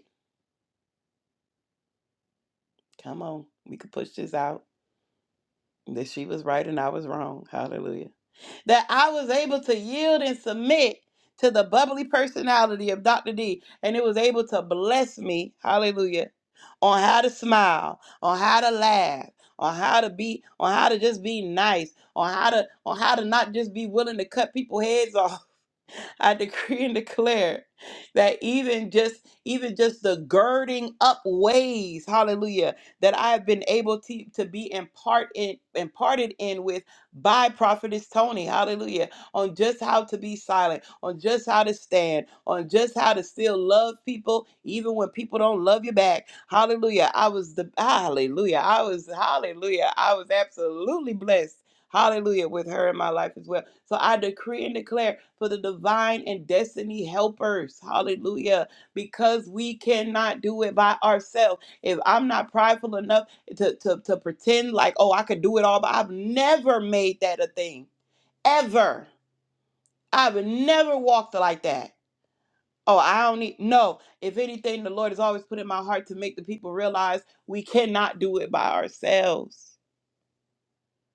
S4: Come on, we could push this out. That she was right and I was wrong. Hallelujah that I was able to yield and submit to the bubbly personality of Dr. D, and it was able to bless me, hallelujah, on how to smile, on how to laugh, on how to be, on how to just be nice, on how to, on how to not just be willing to cut people heads off I decree and declare that even just even just the girding up ways, hallelujah, that I have been able to, to be impart in, imparted in with by prophetess Tony, hallelujah, on just how to be silent, on just how to stand, on just how to still love people even when people don't love you back. Hallelujah. I was the hallelujah. I was hallelujah. I was absolutely blessed Hallelujah, with her in my life as well. So I decree and declare for the divine and destiny helpers. Hallelujah. Because we cannot do it by ourselves. If I'm not prideful enough to, to, to pretend like, oh, I could do it all, but I've never made that a thing. Ever. I've never walked like that. Oh, I don't need no. If anything, the Lord has always put in my heart to make the people realize we cannot do it by ourselves.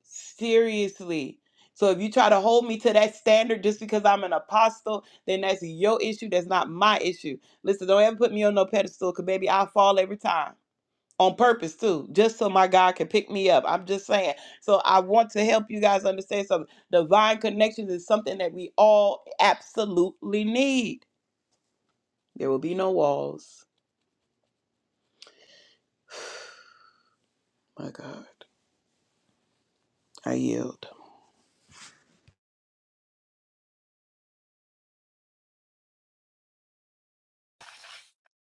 S4: Seriously. So if you try to hold me to that standard just because I'm an apostle, then that's your issue. That's not my issue. Listen, don't ever put me on no pedestal because, baby, I fall every time on purpose, too, just so my God can pick me up. I'm just saying. So I want to help you guys understand something. Divine connections is something that we all absolutely need. There will be no walls. My God, I yield.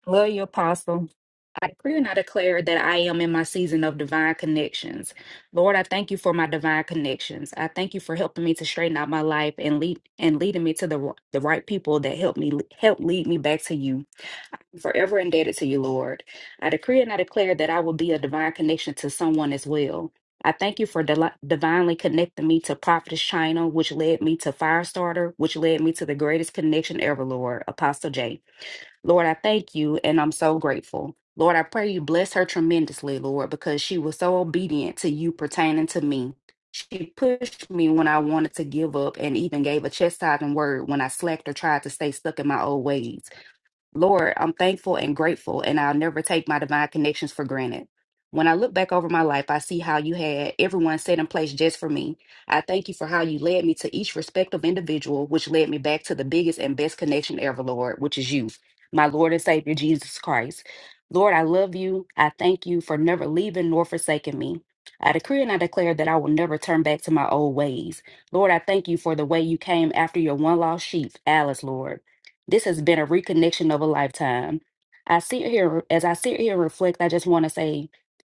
S6: Love you, Apostle. I decree and I declare that I am in my season of divine connections. Lord, I thank you for my divine connections. I thank you for helping me to straighten out my life and lead and leading me to the r- the right people that help me help lead me back to you. I'm forever indebted to you, Lord. I decree and I declare that I will be a divine connection to someone as well. I thank you for deli- divinely connecting me to Prophetess China, which led me to Firestarter, which led me to the greatest connection ever, Lord, Apostle J. Lord, I thank you and I'm so grateful. Lord, I pray you bless her tremendously, Lord, because she was so obedient to you pertaining to me. She pushed me when I wanted to give up and even gave a chastising word when I slacked or tried to stay stuck in my old ways. Lord, I'm thankful and grateful, and I'll never take my divine connections for granted. When I look back over my life, I see how you had everyone set in place just for me. I thank you for how you led me to each respective individual, which led me back to the biggest and best connection ever, Lord, which is you, my Lord and Savior, Jesus Christ. Lord, I love you. I thank you for never leaving nor forsaking me. I decree and I declare that I will never turn back to my old ways. Lord, I thank you for the way you came after your one lost sheep, Alice, Lord. This has been a reconnection of a lifetime. I sit here, as I sit here and reflect, I just want to say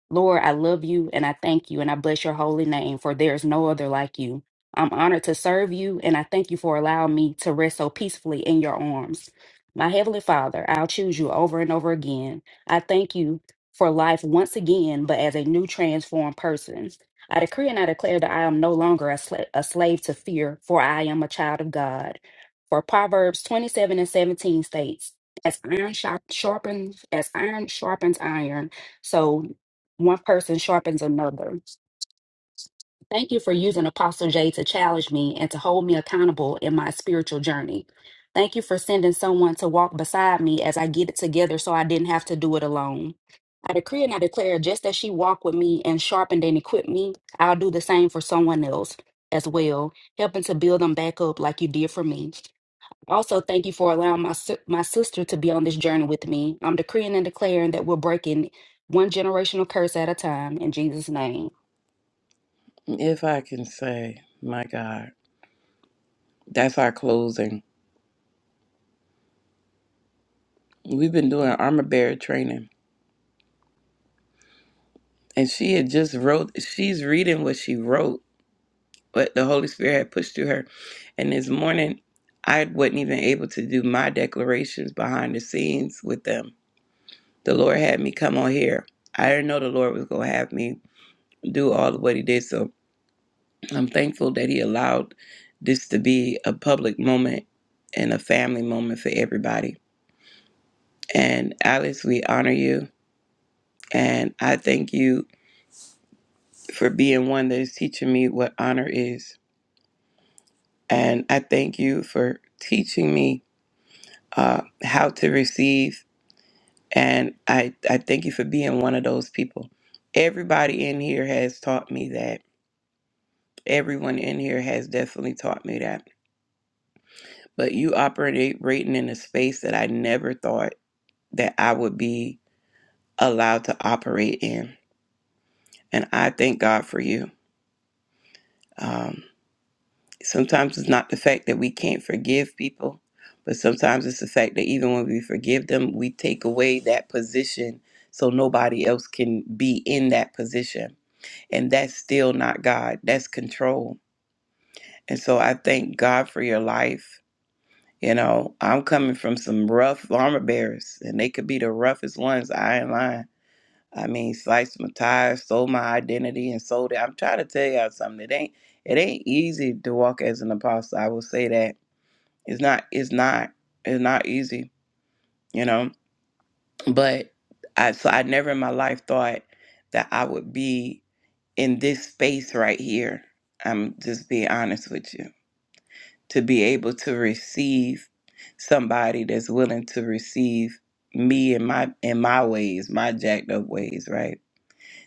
S6: Lord, I love you and I thank you and I bless your holy name, for there is no other like you. I'm honored to serve you and I thank you for allowing me to rest so peacefully in your arms. My Heavenly Father, I'll choose you over and over again. I thank you for life once again, but as a new transformed person. I decree and I declare that I am no longer a, sla- a slave to fear, for I am a child of God. For Proverbs 27 and 17 states, as iron sharp- sharpens, as iron sharpens iron, so one person sharpens another. Thank you for using Apostle J to challenge me and to hold me accountable in my spiritual journey. Thank you for sending someone to walk beside me as I get it together so I didn't have to do it alone. I decree and I declare just as she walked with me and sharpened and equipped me, I'll do the same for someone else as well, helping to build them back up like you did for me. Also, thank you for allowing my, si- my sister to be on this journey with me. I'm decreeing and declaring that we're breaking one generational curse at a time in Jesus' name.
S4: If I can say, my God, that's our closing. We've been doing armor bearer training and she had just wrote she's reading what she wrote what the holy spirit had pushed through her and this morning i wasn't even able to do my declarations behind the scenes with them the lord had me come on here i didn't know the lord was going to have me do all of what he did so i'm thankful that he allowed this to be a public moment and a family moment for everybody and alice we honor you and i thank you for being one that is teaching me what honor is And I thank you for teaching me uh, how to receive. And I, I thank you for being one of those people. Everybody in here has taught me that. Everyone in here has definitely taught me that. But you operate rating in a space that I never thought that I would be allowed to operate in. And I thank God for you. Um, sometimes it's not the fact that we can't forgive people, but sometimes it's the fact that even when we forgive them, we take away that position so nobody else can be in that position. And that's still not God, that's control. And so I thank God for your life. You know, I'm coming from some rough armor bearers, and they could be the roughest ones. I ain't lying. I mean, sliced my tires, stole my identity, and sold it. I'm trying to tell y'all something. It ain't it ain't easy to walk as an apostle. I will say that it's not it's not it's not easy, you know. But I so I never in my life thought that I would be in this space right here. I'm just being honest with you. To be able to receive somebody that's willing to receive me in my in my ways, my jacked up ways, right?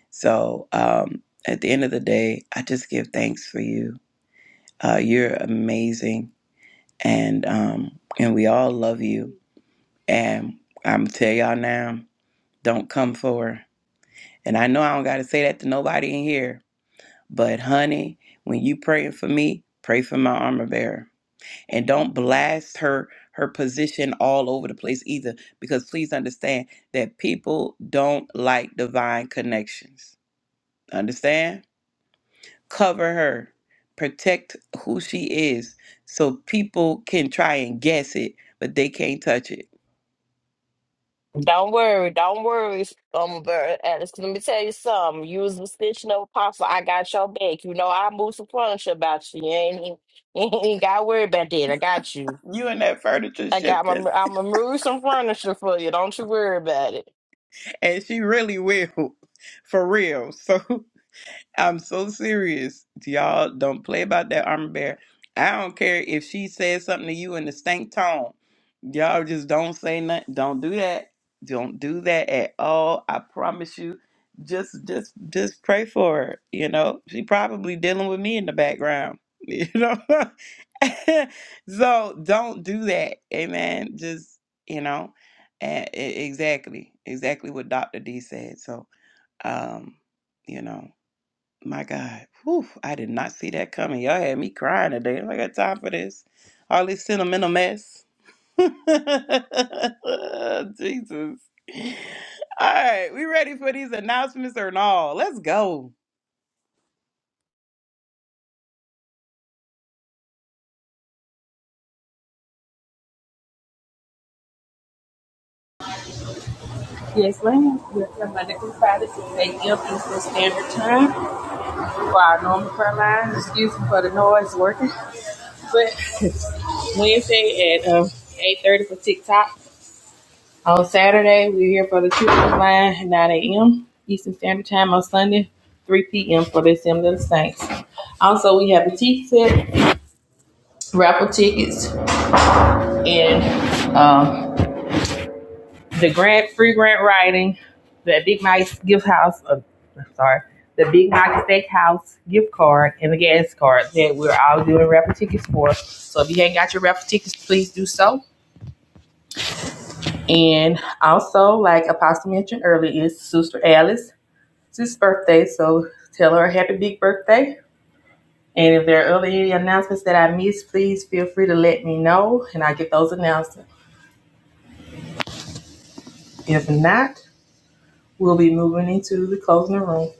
S4: So um at the end of the day, I just give thanks for you. Uh, you're amazing and um and we all love you And I'm tell y'all now, don't come for her. And I know I don't gotta say that to nobody in here, but honey, when you praying for me, pray for my armor bearer, and don't blast her her position all over the place either. Because please understand that people don't like divine connections. Understand? Cover her, protect who she is, so people can try and guess it, but they can't touch it.
S7: Don't worry, don't worry, um, Bird Alice. 'cause Let me tell you something. You was the stitching up apostle. I got your back. You know I moved some furniture about you. You ain't, you ain't got to worry about that. I got you.
S4: You and that furniture
S7: I got my.
S4: shifting.
S7: I'm gonna move some furniture for you. Don't you worry about it.
S4: and she really will, for real. So I'm so serious. Y'all don't play about that armor bear. I don't care if she says something to you in the stank tone. Y'all just don't say nothing. Don't do that. Don't do that at all. I promise you. Just just just pray for her. You know, she probably dealing with me in the background. You know? so don't do that. Amen. Just, you know, and exactly. Exactly what Dr. D said. So um, you know. My God. Whew, I did not see that coming. Y'all had me crying today. I got time for this. All this sentimental mess. Jesus. All right, we ready for these announcements or no? Let's go.
S8: Yes, ma'am. We're Monday through Friday, 6 a.m. Eastern Standard Time for our normal prayer lines. Excuse me for the noise working. But Wednesday at um, 8.30 for TikTok. On Saturday, we're here for the children's line at 9 a.m. Eastern Standard Time. On Sunday, 3 p.m. for the Assembly of the Saints. Also, we have a tea set, raffle tickets, and um, the grant free grant writing, the Big Mike's gift house. Uh, sorry, the Big Mike's Steakhouse gift card and the gas card that we're all doing raffle tickets for. So if you ain't got your raffle tickets, please do so. And also, like Apostle mentioned earlier, is Sister Alice's birthday, so tell her happy big birthday. And if there are other any announcements that I missed, please feel free to let me know, and I will get those announcements. If not, we'll be moving into the closing room.